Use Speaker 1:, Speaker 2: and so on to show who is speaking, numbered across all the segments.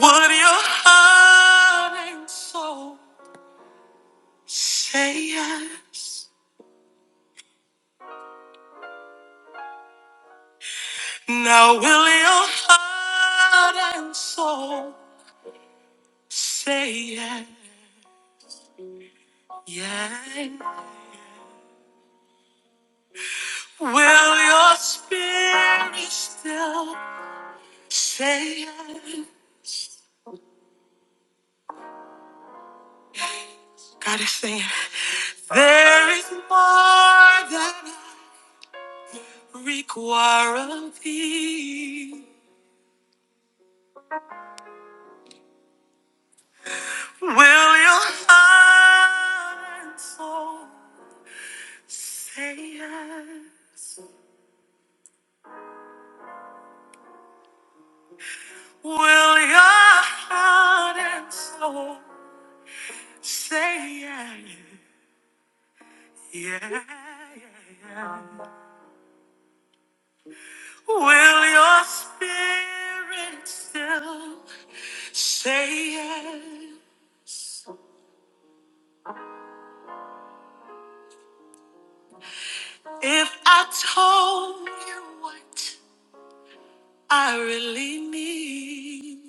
Speaker 1: Would your heart and soul say yes? Now will your heart and soul say yes? Yes. Will your spirit still say yes? God is saying, there is more that I require of thee. Will your heart and soul Say yes. Will your heart and soul say yes? Yeah, yeah, yeah. Will your spirit still say yes? If I told you what I really need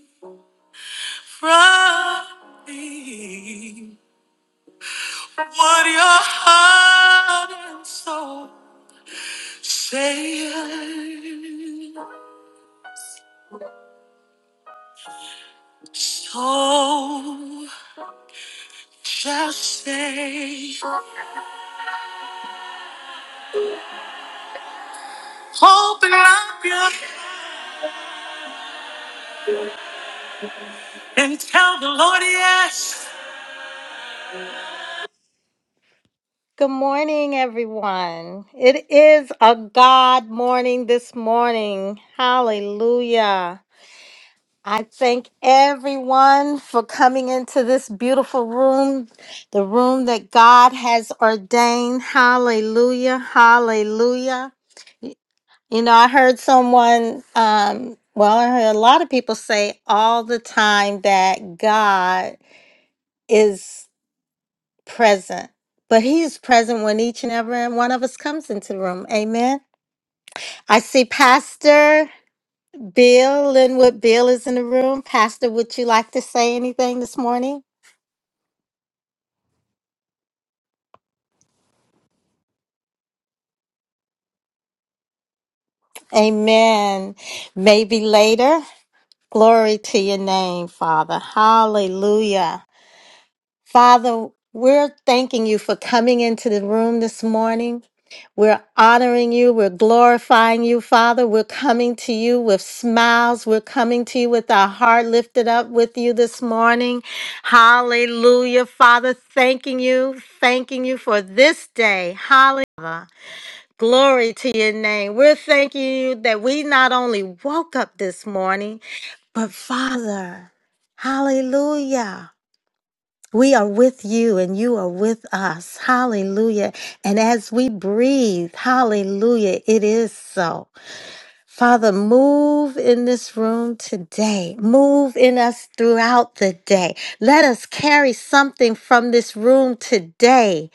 Speaker 1: from me, would your heart and soul Say it, so just say. Open up your and tell the Lord yes. Good morning, everyone. It is a God morning this morning. Hallelujah. I thank everyone for coming into this beautiful room, the room that God has ordained. Hallelujah. Hallelujah. You know, I heard someone, um, well, I heard a lot of people say all the time that God is present, but He is present when each and every one of us comes into the room. Amen. I see Pastor Bill Linwood. Bill is in the room. Pastor, would you like to say anything this morning? Amen. Maybe later. Glory to your name, Father. Hallelujah. Father, we're thanking you for coming into the room this morning. We're honoring you. We're glorifying you, Father. We're coming to you with smiles. We're coming to you with our heart lifted up with you this morning. Hallelujah, Father. Thanking you. Thanking you for this day. Hallelujah. Glory to your name. We're thanking you that we not only woke up this morning, but Father, hallelujah. We are with you and you are with us. Hallelujah. And as we breathe, hallelujah, it is so. Father, move in this room today. Move in us throughout the day. Let us carry something from this room today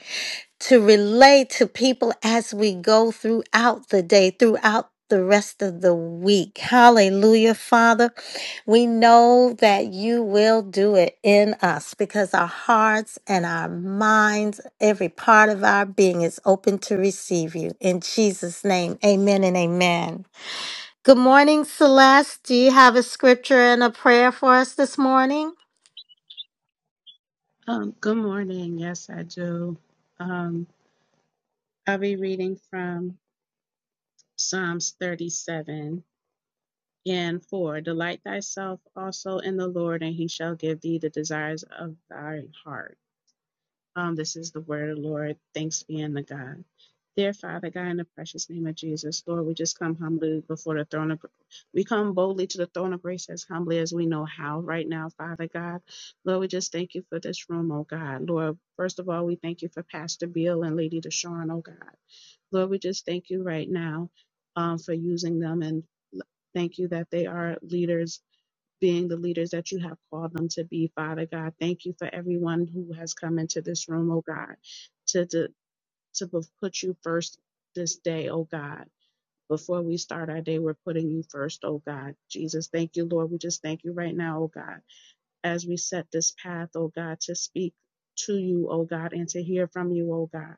Speaker 1: to relate to people as we go throughout the day, throughout the rest of the week. Hallelujah, Father. We know that you will do it in us because our hearts and our minds, every part of our being is open to receive you. In Jesus' name, amen and amen. Good morning, Celeste. Do you have a scripture and a prayer for us this morning?
Speaker 2: Um, good morning. Yes, I do. Um, I'll be reading from Psalms 37 and 4. Delight thyself also in the Lord, and he shall give thee the desires of thine heart. Um, this is the word of the Lord. Thanks be unto God. Dear Father God, in the precious name of Jesus, Lord, we just come humbly before the throne of we come boldly to the throne of grace as humbly as we know how right now, Father God. Lord, we just thank you for this room, oh God. Lord, first of all, we thank you for Pastor Bill and Lady Deshawn, oh God. Lord, we just thank you right now um, for using them and thank you that they are leaders being the leaders that you have called them to be, Father God. Thank you for everyone who has come into this room, oh God, to to, to put you first this day, oh God. Before we start our day, we're putting you first, oh God. Jesus, thank you, Lord. We just thank you right now, oh God as we set this path, oh God, to speak to you, oh God, and to hear from you, oh God.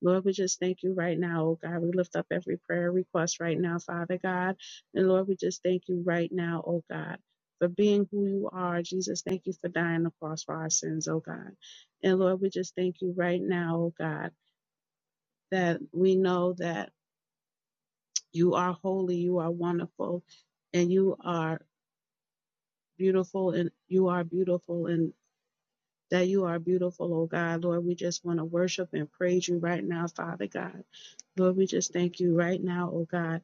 Speaker 2: Lord, we just thank you right now, oh God. We lift up every prayer request right now, Father God. And Lord, we just thank you right now, oh God, for being who you are. Jesus, thank you for dying on the cross for our sins, oh God. And Lord, we just thank you right now, oh God, that we know that you are holy, you are wonderful, and you are beautiful, and you are beautiful, and that you are beautiful, oh God. Lord, we just want to worship and praise you right now, Father God. Lord, we just thank you right now, oh God,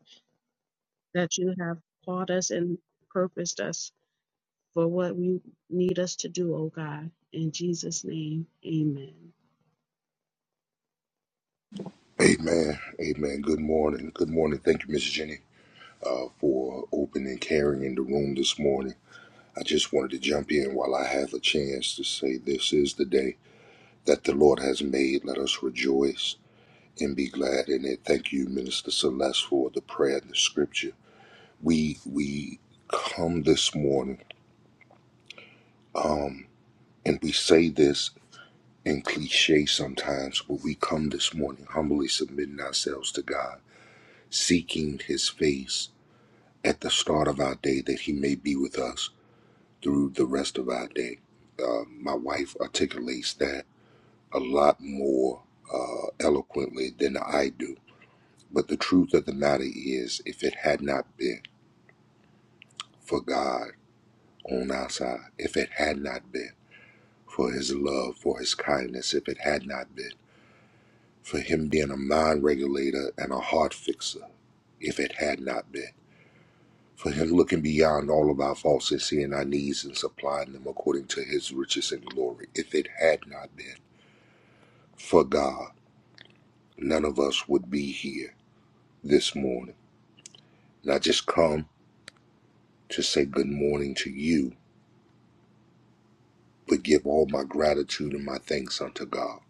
Speaker 2: that you have called us and purposed us for what you need us to do, oh God. In Jesus' name, amen.
Speaker 3: Amen. Amen. Good morning. Good morning. Thank you, Miss Jenny, uh, for opening, carrying the room this morning. I just wanted to jump in while I have a chance to say this is the day that the Lord has made. Let us rejoice and be glad in it. Thank you, Minister Celeste, for the prayer and the scripture. We we come this morning, um, and we say this in cliche sometimes, but we come this morning humbly submitting ourselves to God, seeking His face at the start of our day that he may be with us through the rest of our day. Uh, my wife articulates that a lot more uh, eloquently than I do. But the truth of the matter is, if it had not been for God on our side, if it had not been for his love, for his kindness, if it had not been for him being a mind regulator and a heart fixer, if it had not been. for him looking beyond all of our faults and seeing our needs and supplying them according to his riches and glory. If it had not been for God, none of us would be here this morning. Not just come to say good morning to you, but give all my gratitude and my thanks unto God.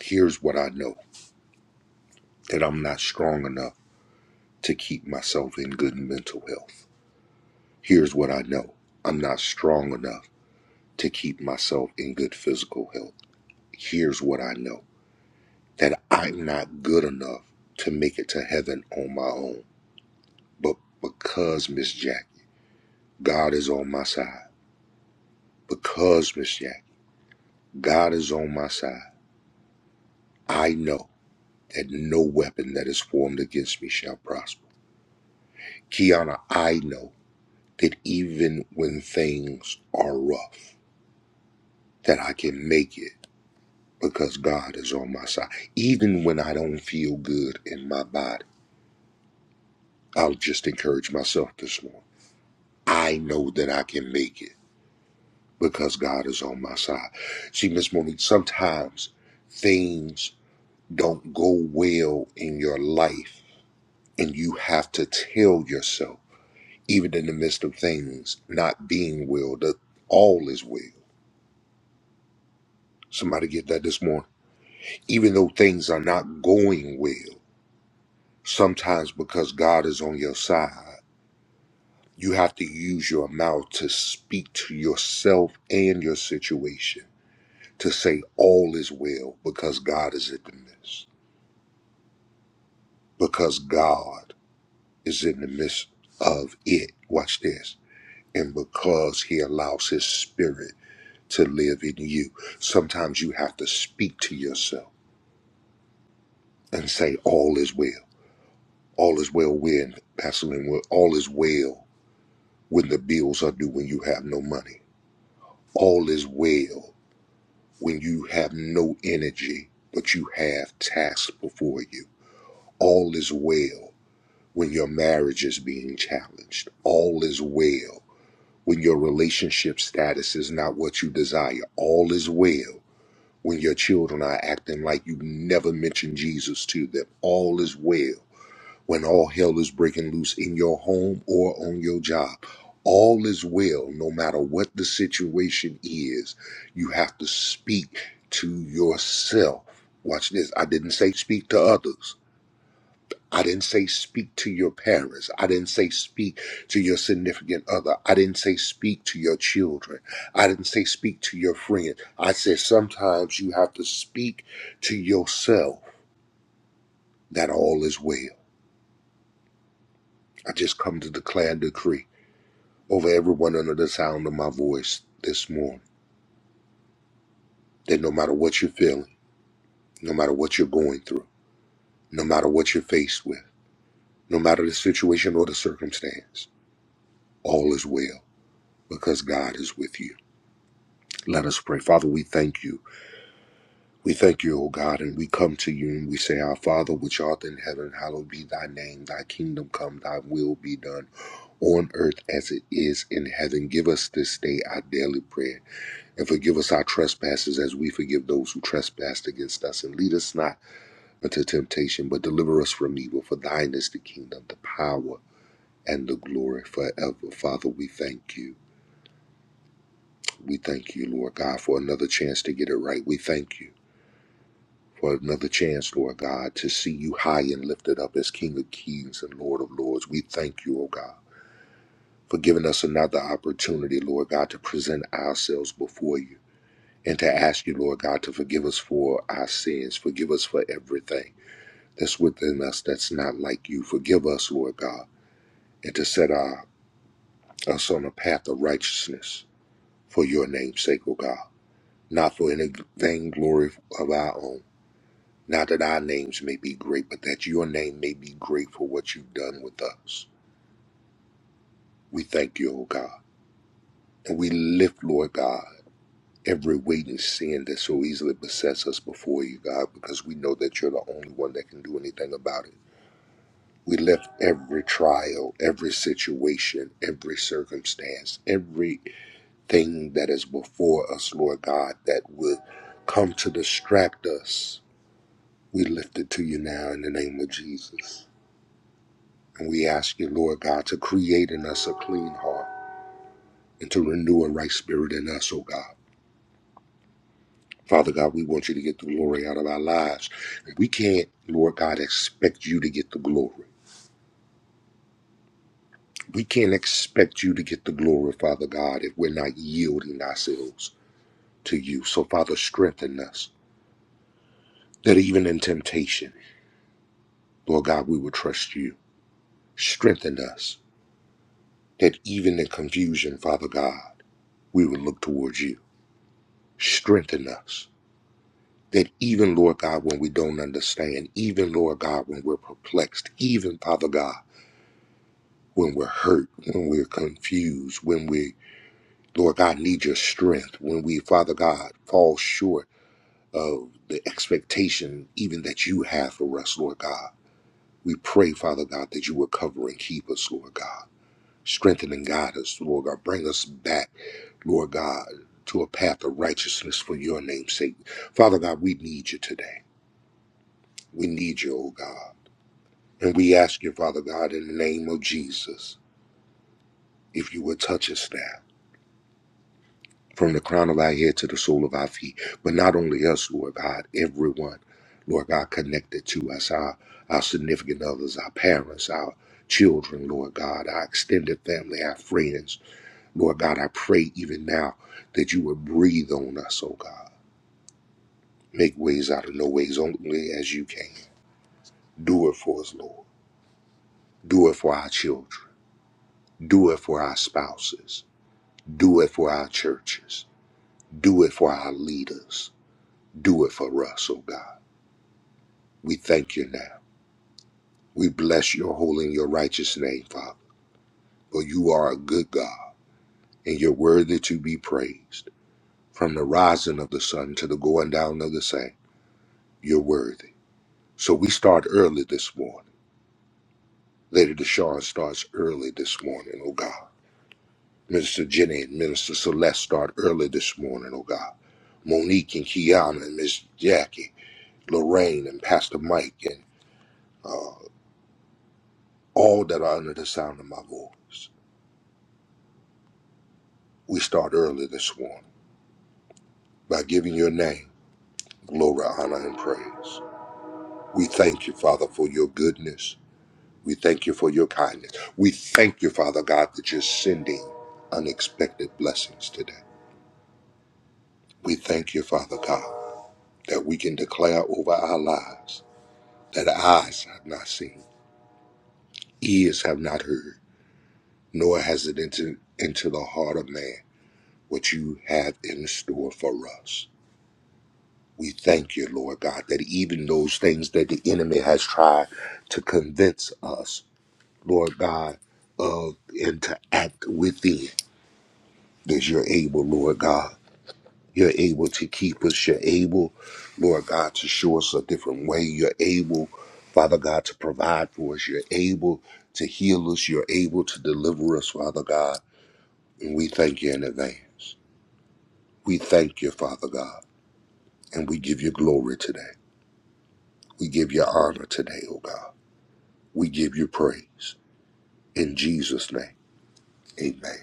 Speaker 3: Here's what I know that I'm not strong enough to keep myself in good mental health. Here's what I know I'm not strong enough to keep myself in good physical health. Here's what I know. that I'm not good enough to make it to heaven on my own. But because Miss Jackie, God is on my side. Because Miss Jackie, God is on my side. I know that no weapon that is formed against me shall prosper. Kiana, I know that even when things are rough, that I can make it because God is on my side. Even when I don't feel good in my body, I'll just encourage myself this morning. I know that I can make it because God is on my side. See, Miss Monique, sometimes things don't go well in your life, and you have to tell yourself, even in the midst of things not being well, that all is well. Somebody get that this morning. Even though things are not going well, sometimes because God is on your side, you have to use your mouth to speak to yourself and your situation to say all is well because God is in the midst. because God is in the midst of it. Watch this. And because He allows His Spirit to live in you, sometimes you have to speak to yourself and say, All is well. All is well when, Pastor Lynn, when- all is well when the bills are due, when you have no money. All is well when you have no energy, but you have tasks before you. All is well when your marriage is being challenged. All is well when your relationship status is not what you desire. All is well when your children are acting like you never mentioned Jesus to them. All is well when all hell is breaking loose in your home or on your job. All is well no matter what the situation is. You have to speak to yourself. Watch this. I didn't say speak to others. I didn't say speak to your parents. I didn't say speak to your significant other. I didn't say speak to your children. I didn't say speak to your friend. I said sometimes you have to speak to yourself that all is well. I just come to declare and decree over everyone under the sound of my voice this morning that no matter what you're feeling, no matter what you're going through, no matter what you're faced with, no matter the situation or the circumstance, all is well because God is with you. Let us pray. Father, we thank you. We thank you, O God, and we come to you and we say, Our Father, which art in heaven, hallowed be thy name. Thy kingdom come, thy will be done on earth as it is in heaven. Give us this day our daily bread and forgive us our trespasses as we forgive those who trespass against us. And lead us not into temptation, but deliver us from evil. For thine is the kingdom, the power, and the glory forever. Father, we thank you. We thank you, Lord God, for another chance to get it right. We thank you. for another chance, Lord God, to see you high and lifted up as King of Kings and Lord of Lords. We thank you, O God, for giving us another opportunity, Lord God, to present ourselves before you and to ask you, Lord God, to forgive us for our sins. Forgive us for everything that's within us that's not like you. Forgive us, Lord God, and to set our, us on a path of righteousness for your name's sake, O God, not for any vainglory of our own Not that our names may be great, but that your name may be great for what you've done with us. We thank you, O God. And we lift, Lord God, every weight and sin that so easily besets us before you, God, because we know that you're the only one that can do anything about it. We lift every trial, every situation, every circumstance, everything that is before us, Lord God, that would come to distract us. We lift it to you now in the name of Jesus. And we ask you, Lord God, to create in us a clean heart and to renew a right spirit in us, oh God. Father God, we want you to get the glory out of our lives. We can't, Lord God, expect you to get the glory. We can't expect you to get the glory, Father God, if we're not yielding ourselves to you. So, Father, strengthen us that even in temptation, Lord God, we will trust you. Strengthen us that even in confusion, Father God, we will look towards you. Strengthen us that even, Lord God, when we don't understand, even, Lord God, when we're perplexed, even, Father God, when we're hurt, when we're confused, when we, Lord God, need your strength, when we, Father God, fall short of the expectation even that you have for us, Lord God. We pray, Father God, that you will cover and keep us, Lord God. Strengthen and guide us, Lord God. Bring us back, Lord God, to a path of righteousness for your name's sake. Father God, we need you today. We need you, oh God. And we ask you, Father God, in the name of Jesus, if you would touch us now, from the crown of our head to the sole of our feet. But not only us, Lord God, everyone, Lord God, connected to us, our, our significant others, our parents, our children, Lord God, our extended family, our friends. Lord God, I pray even now that you would breathe on us, oh God. Make ways out of no ways, only as you can. Do it for us, Lord. Do it for our children. Do it for our spouses. Do it for our churches. Do it for our leaders. Do it for us, oh God. We thank you now. We bless your holy and your righteous name, Father, for you are a good God and you're worthy to be praised. From the rising of the sun to the going down of the same, you're worthy. So we start early this morning. Lady Deshawn starts early this morning, oh God. Minister Jenny and Minister Celeste start early this morning, oh God. Monique and Kiana and Miss Jackie, Lorraine and Pastor Mike uh, all that are under the sound of my voice. We start early this morning by giving your name glory, honor, and praise. We thank you, Father, for your goodness. We thank you for your kindness. We thank you, Father God, that you're sending unexpected blessings today. We thank you, Father God, that we can declare over our lives that eyes have not seen, ears have not heard, nor has it entered into the heart of man what you have in store for us. We thank you, Lord God, that even those things that the enemy has tried to convince us, Lord God, of and to act within, that you're able, Lord God. You're able to keep us. You're able, Lord God, to show us a different way. You're able, Father God, to provide for us. You're able to heal us. You're able to deliver us, Father God. And we thank you in advance. We thank you, Father God. And we give you glory today. We give you honor today, oh God. We give you praise. In Jesus' name, amen.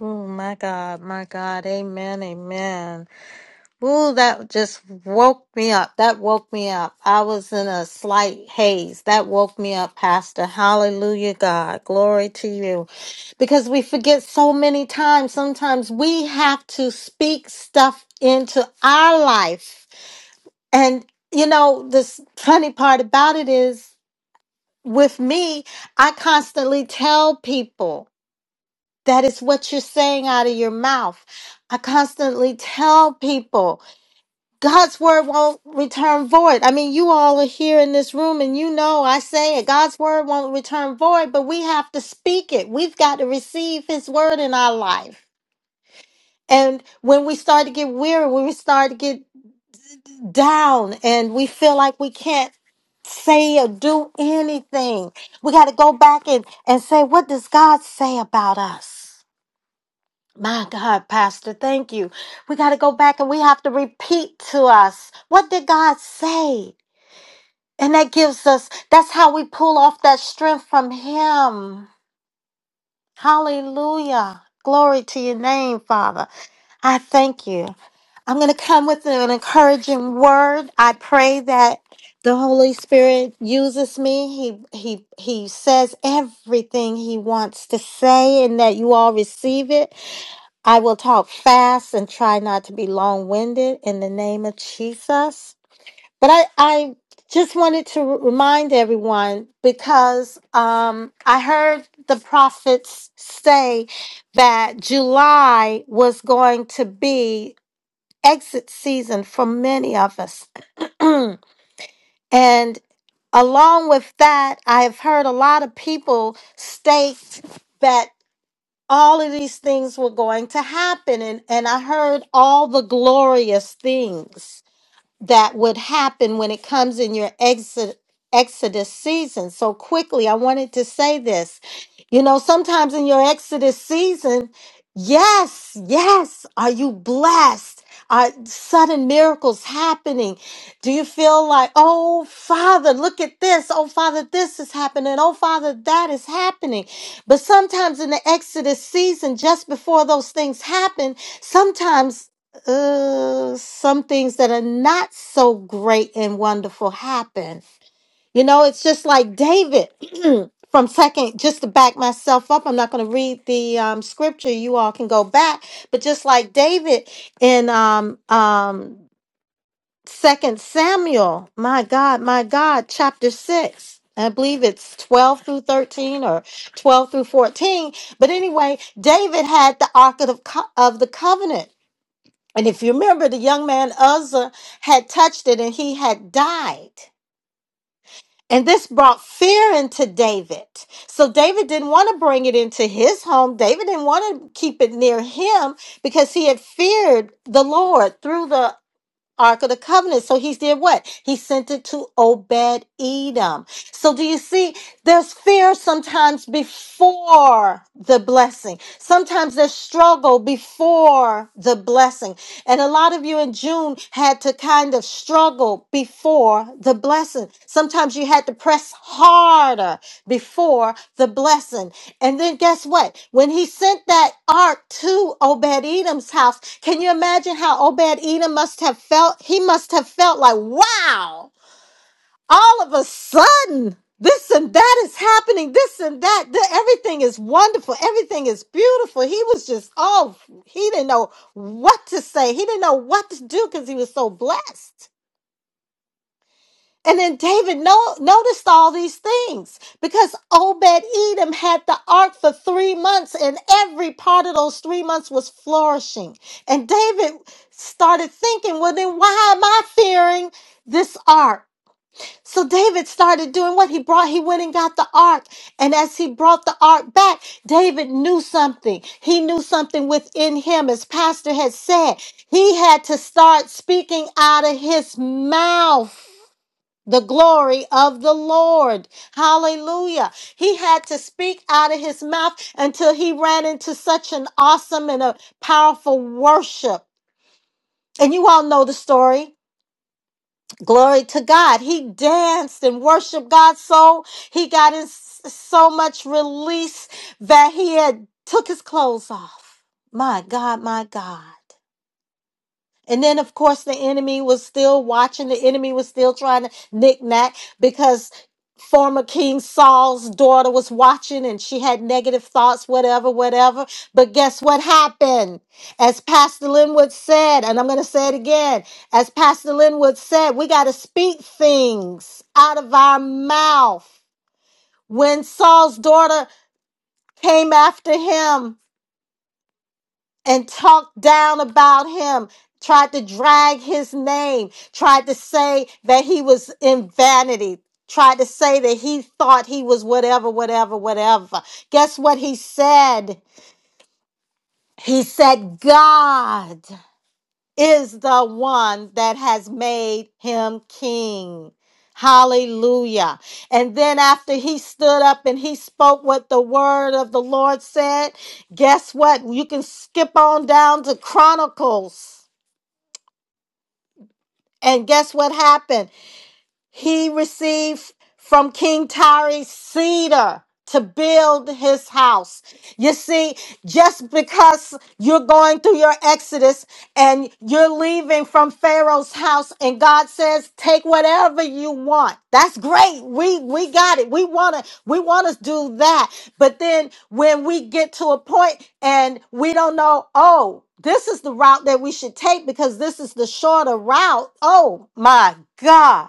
Speaker 1: Oh, my God, my God. Amen, amen. Ooh, that just woke me up. That woke me up. I was in a slight haze. That woke me up, Pastor. Hallelujah, God. Glory to you. Because we forget so many times. Sometimes we have to speak stuff into our life. And, you know, this funny part about it is with me, I constantly tell people that it's what you're saying out of your mouth. I constantly tell people. God's word won't return void. I mean, you all are here in this room and you know I say it. God's word won't return void, but we have to speak it. We've got to receive his word in our life. And when we start to get weary, when we start to get down and we feel like we can't say or do anything, we got to go back and, and say, what does God say about us? My God, Pastor, thank you. We got to go back and we have to repeat to us, what did God say? And that gives us, that's how we pull off that strength from Him. Hallelujah. Glory to your name, Father. I thank you. I'm going to come with an encouraging word. I pray that the Holy Spirit uses me. He, he, he says everything he wants to say and that you all receive it. I will talk fast and try not to be long winded in the name of Jesus. But I, I just wanted to r- remind everyone because um, I heard the prophets say that July was going to be exit season for many of us. and along with that, I have heard a lot of people state that all of these things were going to happen. And, and I heard all the glorious things that would happen when it comes in your exit exodus season so quickly i wanted to say this you know sometimes in your exodus season yes yes are you blessed are sudden miracles happening do you feel like oh father look at this oh father this is happening oh father that is happening but sometimes in the exodus season just before those things happen sometimes uh, some things that are not so great and wonderful happen. You know, it's just like David from second, just to back myself up, I'm not going to read the um, scripture. You all can go back, but just like David in um, um, second Samuel, my God, my God, chapter six. I believe it's 12 through 13 or 12 through 14. But anyway, David had the Ark of the, Co- of the Covenant and if you remember, the young man Uzzah had touched it and he had died. And this brought fear into David. So David didn't want to bring it into his home. David didn't want to keep it near him because he had feared the Lord through the Ark of the Covenant. So he did what? He sent it to Obed Edom. So do you see? There's fear sometimes before the blessing. Sometimes there's struggle before the blessing. And a lot of you in June had to kind of struggle struggle before the blessing. Sometimes you had to press harder before the blessing. And then guess what? When he sent that ark to Obed Edom's house, can you imagine how Obed Edom must have felt? He must have felt like, wow, all of a sudden, this and that is happening. This and that. th- everything is wonderful. Everything is beautiful. He was just, oh, he didn't know what to say. He didn't know what to do because he was so blessed. And then David no- noticed all these things because Obed Edom had the ark for three months, and every part of those three months was flourishing. And David started thinking, well, then why am I fearing this ark? So David started doing what he brought. He went and got the ark. And as he brought the ark back, David knew something. He knew something within him. As Pastor had said, he had to start speaking out of his mouth the glory of the Lord. Hallelujah. He had to speak out of his mouth until he ran into such an awesome and a powerful worship. And you all know the story. Glory to God. He danced and worshiped God so he got in s- so much release that he had took his clothes off. My God, my God. And then, of course, the enemy was still watching. The enemy was still trying to knick-knack because former King Saul's daughter was watching and she had negative thoughts, whatever, whatever. But guess what happened? As Pastor Linwood said, and I'm going to say it again, as Pastor Linwood said, we got to speak things out of our mouth. When Saul's daughter came after him, and talked down about him, tried to drag his name, tried to say that he was in vanity, tried to say that he thought he was whatever, whatever, whatever. Guess what he said? He said, God is the one that has made him king. Hallelujah. And then after he stood up and he spoke what the word of the Lord said, guess what? You can skip on down to Chronicles. And guess what happened? He received from King Tyree cedar to build his house. You see, just because you're going through your exodus and you're leaving from Pharaoh's house and God says, "Take whatever you want." That's great. We we got it. We want to we want to do that. But then when we get to a point and we don't know, "Oh, this is the route that we should take because this is the shorter route." Oh my God.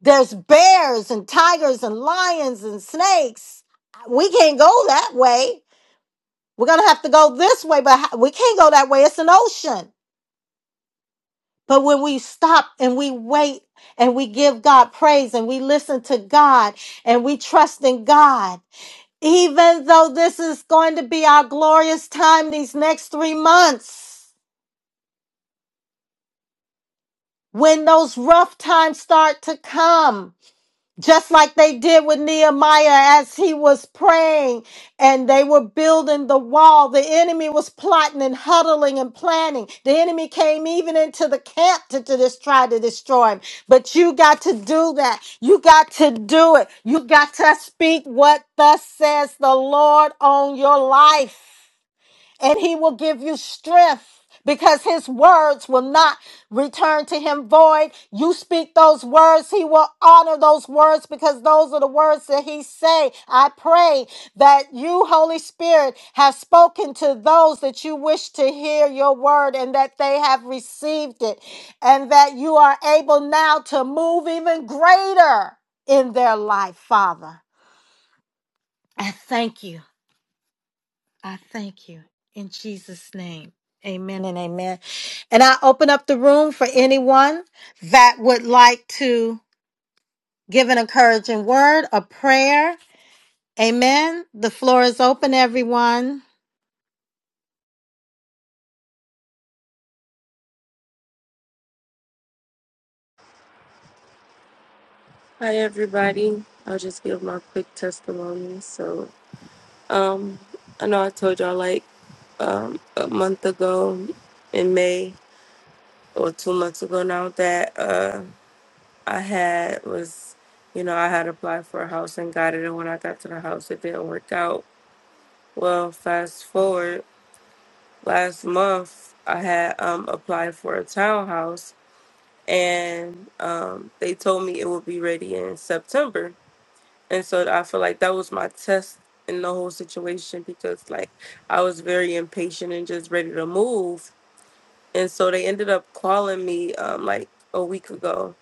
Speaker 1: There's bears and tigers and lions and snakes. We can't go that way. We're going to have to go this way, but ho- we can't go that way. It's an ocean. But when we stop and we wait and we give God praise and we listen to God and we trust in God, even though this is going to be our glorious time these next three months, when those rough times start to come, just like they did with Nehemiah as he was praying and they were building the wall. The enemy was plotting and huddling and planning. The enemy came even into the camp to, to just try to destroy him. But you got to do that. You got to do it. You got to speak what thus says the Lord on your life and he will give you strength because his words will not return to him void. You speak those words, he will honor those words because those are the words that he say. I pray that you, Holy Spirit, have spoken to those that you wish to hear your word and that they have received it and that you are able now to move even greater in their life, Father. I thank you. I thank you in Jesus' name. Amen and amen. And I open up the room for anyone that would like to give an encouraging word, a prayer. Amen. The floor is open, everyone.
Speaker 4: Hi, everybody. I'll just give my quick testimony. So, um, I know I told y'all like um, a month ago in May or two months ago now that uh, I had was, you know, I had applied for a house and got it. And when I got to the house, it didn't work out. Well, fast forward last month, I had um, applied for a townhouse and um, they told me it would be ready in September. And so I feel like that was my test in the whole situation because like I was very impatient and just ready to move. And so they ended up calling me um like a week ago.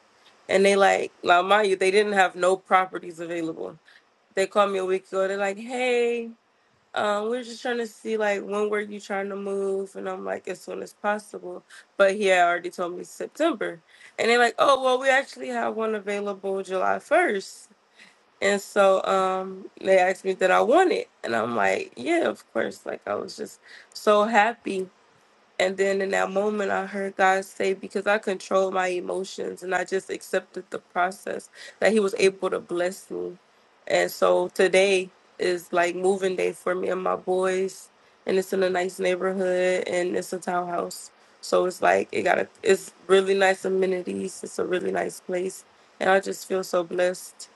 Speaker 4: And they like now mind you, they didn't have no properties available. They called me a week ago, they're like, Hey, um, we're just trying to see like when were you trying to move? And I'm like, as soon as possible. But he had already told me September. And they're like, Oh well we actually have one available July first. And so um, they asked me that I want it. And I'm like, yeah, of course. Like, I was just so happy. And then in that moment, I heard God say, because I controlled my emotions and I just accepted the process, that He was able to bless me. And so today is like moving day for me and my boys. And it's in a nice neighborhood and it's a townhouse. So it's like, it got a, it's really nice amenities. It's a really nice place. And I just feel so blessed.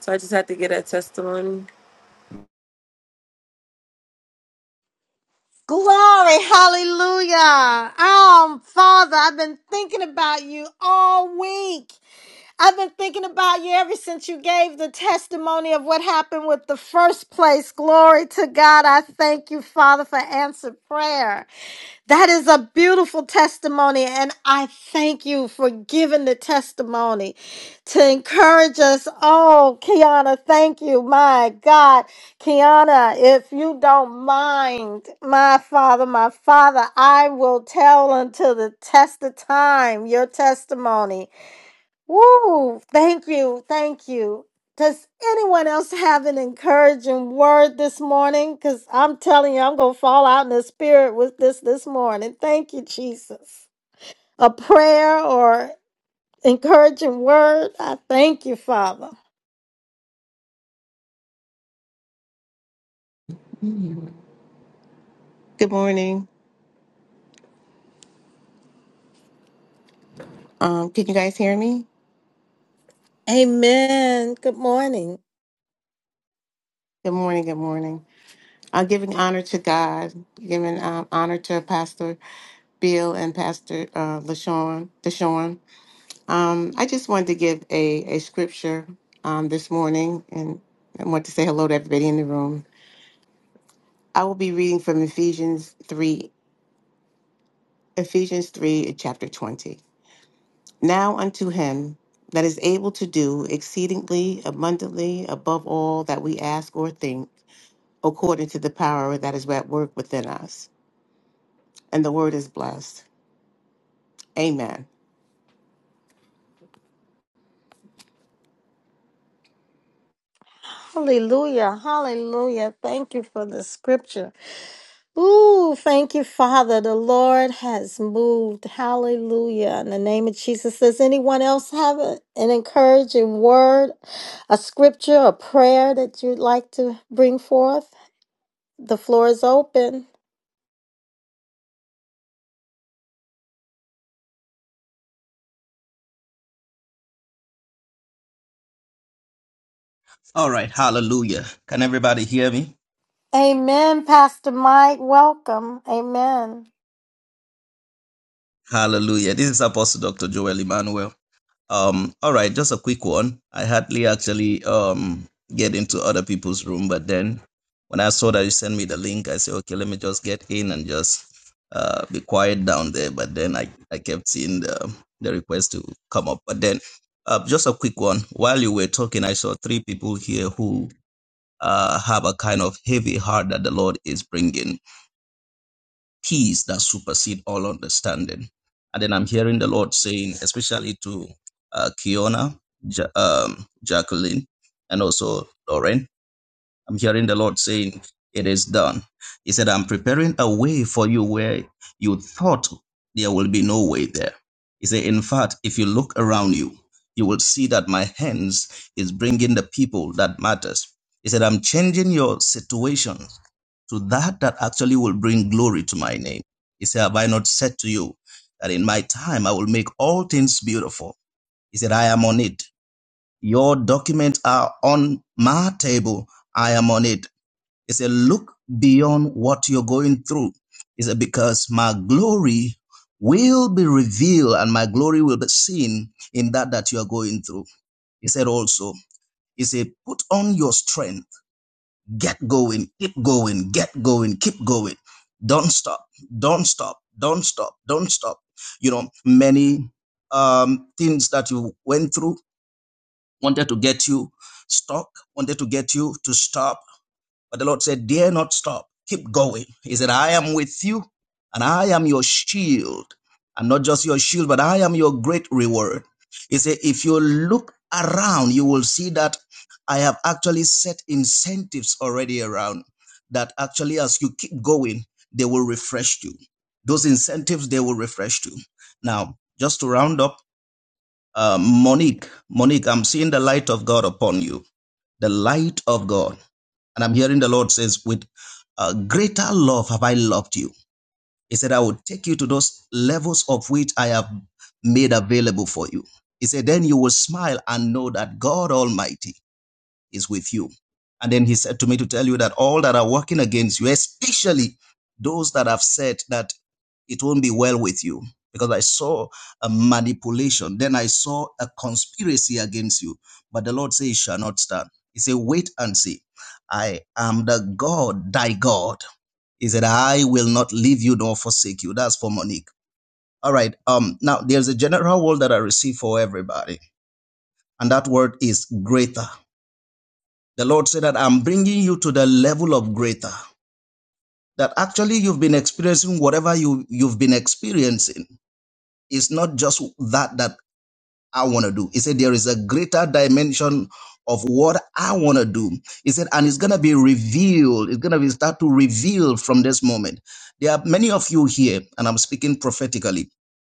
Speaker 4: So I just had to get that testimony.
Speaker 1: Glory, hallelujah. Oh, Father, I've been thinking about you all week. I've been thinking about you ever since you gave the testimony of what happened with the first place. Glory to God. I thank you, Father, for answered prayer. That is a beautiful testimony, and I thank you for giving the testimony to encourage us. Oh, Kiana, thank you. My God, Kiana, if you don't mind, my father, my father, I will tell until the test of time your testimony. Woo! Thank you. Thank you. Does anyone else have an encouraging word this morning? Because I'm telling you, I'm going to fall out in the spirit with this this morning. Thank you, Jesus. A prayer or encouraging word? I thank you, Father.
Speaker 5: Good morning. Um, can you guys hear me?
Speaker 1: Amen. Good morning.
Speaker 5: Good morning. Good morning. I'm giving honor to God, giving um, honor to Pastor Bill and Pastor uh, LaShawn. Deshawn. Um, I just wanted to give a, a scripture um, this morning and I want to say hello to everybody in the room. I will be reading from Ephesians 3, Ephesians 3, chapter 20. Now unto him that is able to do exceedingly abundantly above all that we ask or think according to the power that is at work within us. And the word is blessed. Amen.
Speaker 1: Hallelujah. Hallelujah. Thank you for the scripture. Ooh, thank you, Father. The Lord has moved. Hallelujah. In the name of Jesus. Does anyone else have a- an encouraging word, a scripture, a prayer that you'd like to bring forth? The floor is open.
Speaker 6: All right, hallelujah. Can everybody hear me?
Speaker 1: Amen, Pastor Mike. Welcome. Amen.
Speaker 6: Hallelujah. This is Apostle Dr. Joel Emmanuel. Um, all right, just a quick one. I hardly actually um get into other people's room, but then when I saw that you sent me the link, I said, okay, let me just get in and just uh be quiet down there. But then I, I kept seeing the the request to come up. But then uh, just a quick one. While you were talking, I saw three people here who uh, have a kind of heavy heart that the Lord is bringing. peace that supersedes all understanding. And then I'm hearing the Lord saying, especially to uh, Kiona, ja- um, Jacqueline, and also Lauren, I'm hearing the Lord saying, it is done. He said, I'm preparing a way for you where you thought there will be no way there. He said, in fact, if you look around you, you will see that my hands is bringing the people that matters. He said, I'm changing your situation to that that actually will bring glory to my name. He said, Have I not said to you that in my time I will make all things beautiful? He said, I am on it. Your documents are on my table. I am on it. He said, Look beyond what you're going through. He said, Because my glory will be revealed and my glory will be seen in that that you are going through. He said also, He said, Put on your strength Get going, keep going, get going, keep going. Don't stop, don't stop, don't stop, don't stop. You know, many um, things that you went through wanted to get you stuck, wanted to get you to stop but the Lord said, Dare not stop. Keep going. He said, I am with you and I am your shield. And not just your shield, but I am your great reward. He said, If you look around, you will see that I have actually set incentives already around that actually, as you keep going, they will refresh you. Those incentives, they will refresh you. Now, just to round up, uh, Monique, Monique, I'm seeing the light of God upon you. The light of God. And I'm hearing the Lord says, with uh, greater love have I loved you. He said, I will take you to those levels of which I have made available for you. He said, then you will smile and know that God Almighty is with you. And then he said to me to tell you that all that are working against you, especially those that have said that it won't be well with you because I saw a manipulation. Then I saw a conspiracy against you. But the Lord says, it shall not stand. He said, wait and see. I am the God, thy God. He said, I will not leave you nor forsake you. That's for Monique. All right. Um, now there's a general word that I receive for everybody. And that word is greater. The Lord said that I'm bringing you to the level of greater. That actually you've been experiencing whatever you, you've been experiencing. It's not just that that I want to do. He said, There is a greater dimension of what I want to do. He said, And it's going to be revealed. It's going to be start to reveal from this moment. There are many of you here, and I'm speaking prophetically.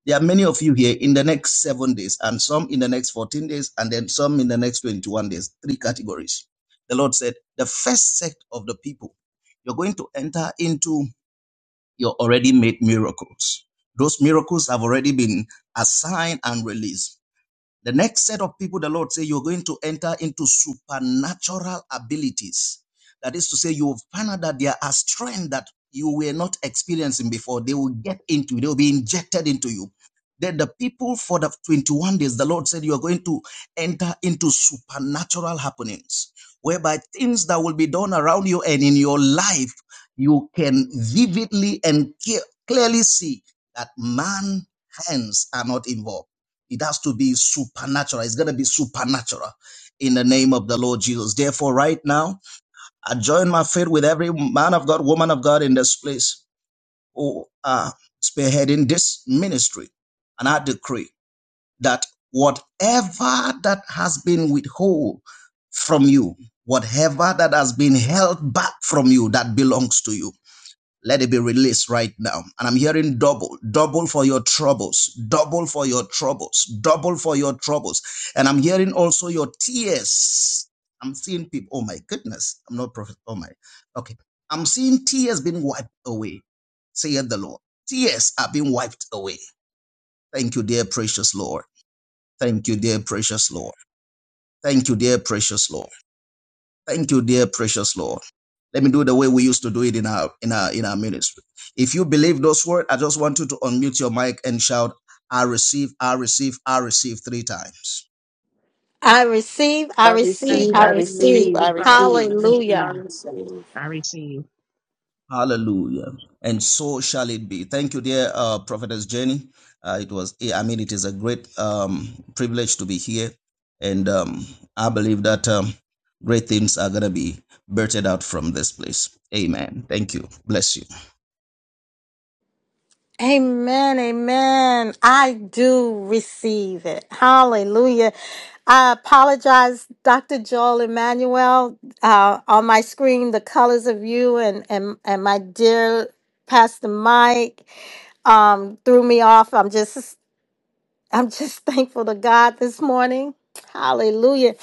Speaker 6: There are many of you here in the next seven days, and some in the next 14 days, and then some in the next 21 days. Three categories. The Lord said, The first sect of the people, you're going to enter into your already made miracles. Those miracles have already been assigned and released the next set of people, the Lord say, you're going to enter into supernatural abilities. That is to say, you will find out that there are strength that you were not experiencing before. They will get into, they will be injected into you. Then the people for the 21 days, the Lord said, you are going to enter into supernatural happenings, whereby things that will be done around you and in your life, you can vividly and clearly see that man hands are not involved it has to be supernatural. It's going to be supernatural in the name of the Lord Jesus. Therefore, right now, I join my faith with every man of God, woman of God in this place who are spearheading this ministry. And I decree that whatever that has been withheld from you, whatever that has been held back from you that belongs to you, let it be released right now. And I'm hearing double, double for your troubles, double for your troubles, double for your troubles. And I'm hearing also your tears. I'm seeing people. Oh my goodness. I'm not prophet. Oh my. Okay. I'm seeing tears being wiped away, saith the Lord. Tears are being wiped away. Thank you, dear precious Lord. Thank you, dear precious Lord. Thank you, dear precious Lord. Thank you, dear precious Lord. Let me do the way we used to do it in our in our in our ministry. If you believe those words, I just want you to unmute your mic and shout, I receive, I receive, I receive three times.
Speaker 1: I receive, I
Speaker 5: I
Speaker 2: I
Speaker 1: receive,
Speaker 5: receive,
Speaker 1: I
Speaker 5: I
Speaker 2: receive,
Speaker 5: receive, I
Speaker 2: I
Speaker 1: receive.
Speaker 2: receive, I
Speaker 5: receive.
Speaker 1: Hallelujah.
Speaker 2: receive, I receive.
Speaker 6: Hallelujah. And so shall it be. Thank you, dear uh, prophetess Jenny. Uh, it was I mean it is a great um, privilege to be here. And um, I believe that um, great things are gonna be birthed out from this place. Amen. Thank you. Bless you.
Speaker 1: Amen, amen. I do receive it. Hallelujah. I apologize, Dr. Joel Emmanuel. Uh, on my screen, the colors of you and, and, and my dear Pastor Mike um, threw me off. I'm just I'm just thankful to God this morning. Hallelujah.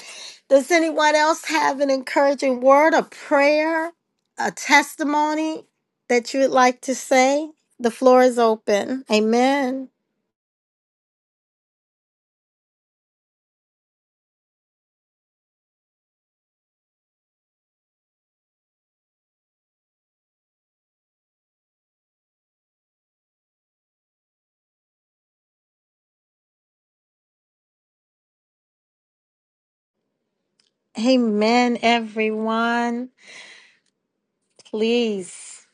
Speaker 1: Does anyone else have an encouraging word, a prayer, a testimony that you would like to say? The floor is open. Amen. Amen, everyone. Please,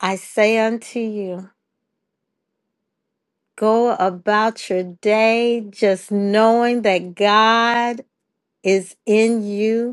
Speaker 1: I say unto you, go about your day just knowing that God is in you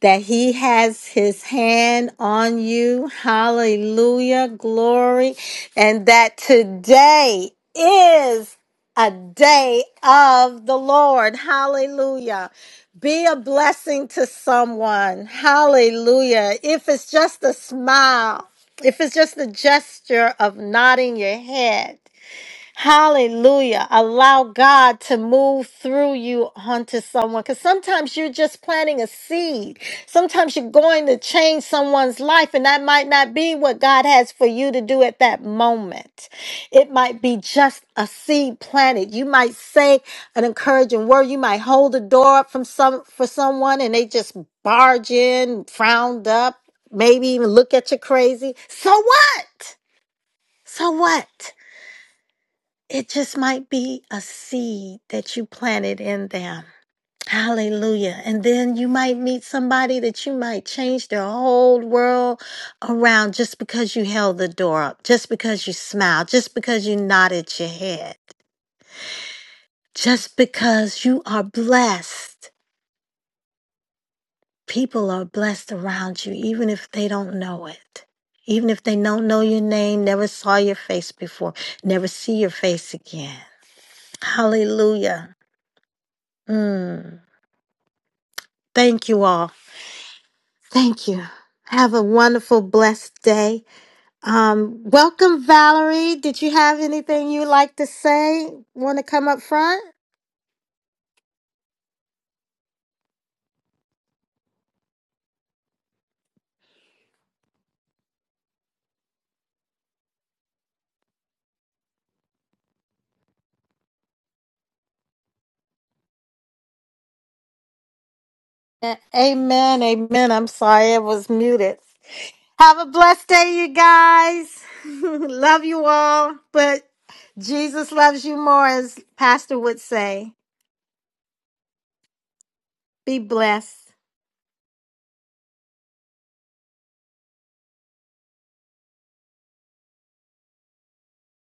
Speaker 1: that he has his hand on you. Hallelujah. Glory. And that today is a day of the Lord. Hallelujah. Be a blessing to someone. Hallelujah. If it's just a smile, if it's just a gesture of nodding your head, Hallelujah. Allow God to move through you onto someone. Because sometimes you're just planting a seed. Sometimes you're going to change someone's life, and that might not be what God has for you to do at that moment. It might be just a seed planted. You might say an encouraging word. You might hold the door up from some for someone and they just barge in, frowned up, maybe even look at you crazy. So what? So what? It just might be a seed that you planted in them. Hallelujah. And then you might meet somebody that you might change their whole world around just because you held the door up, just because you smiled, just because you nodded your head, just because you are blessed. People are blessed around you, even if they don't know it. Even if they don't know your name, never saw your face before, never see your face again. Hallelujah. Mm. Thank you all. Thank you. Have a wonderful, blessed day. Um, welcome, Valerie. Did you have anything you'd like to say? Want to come up front? A- Amen. Amen. I'm sorry it was muted. Have a blessed day, you guys. Love you all. But Jesus loves you more, as Pastor would say. Be blessed.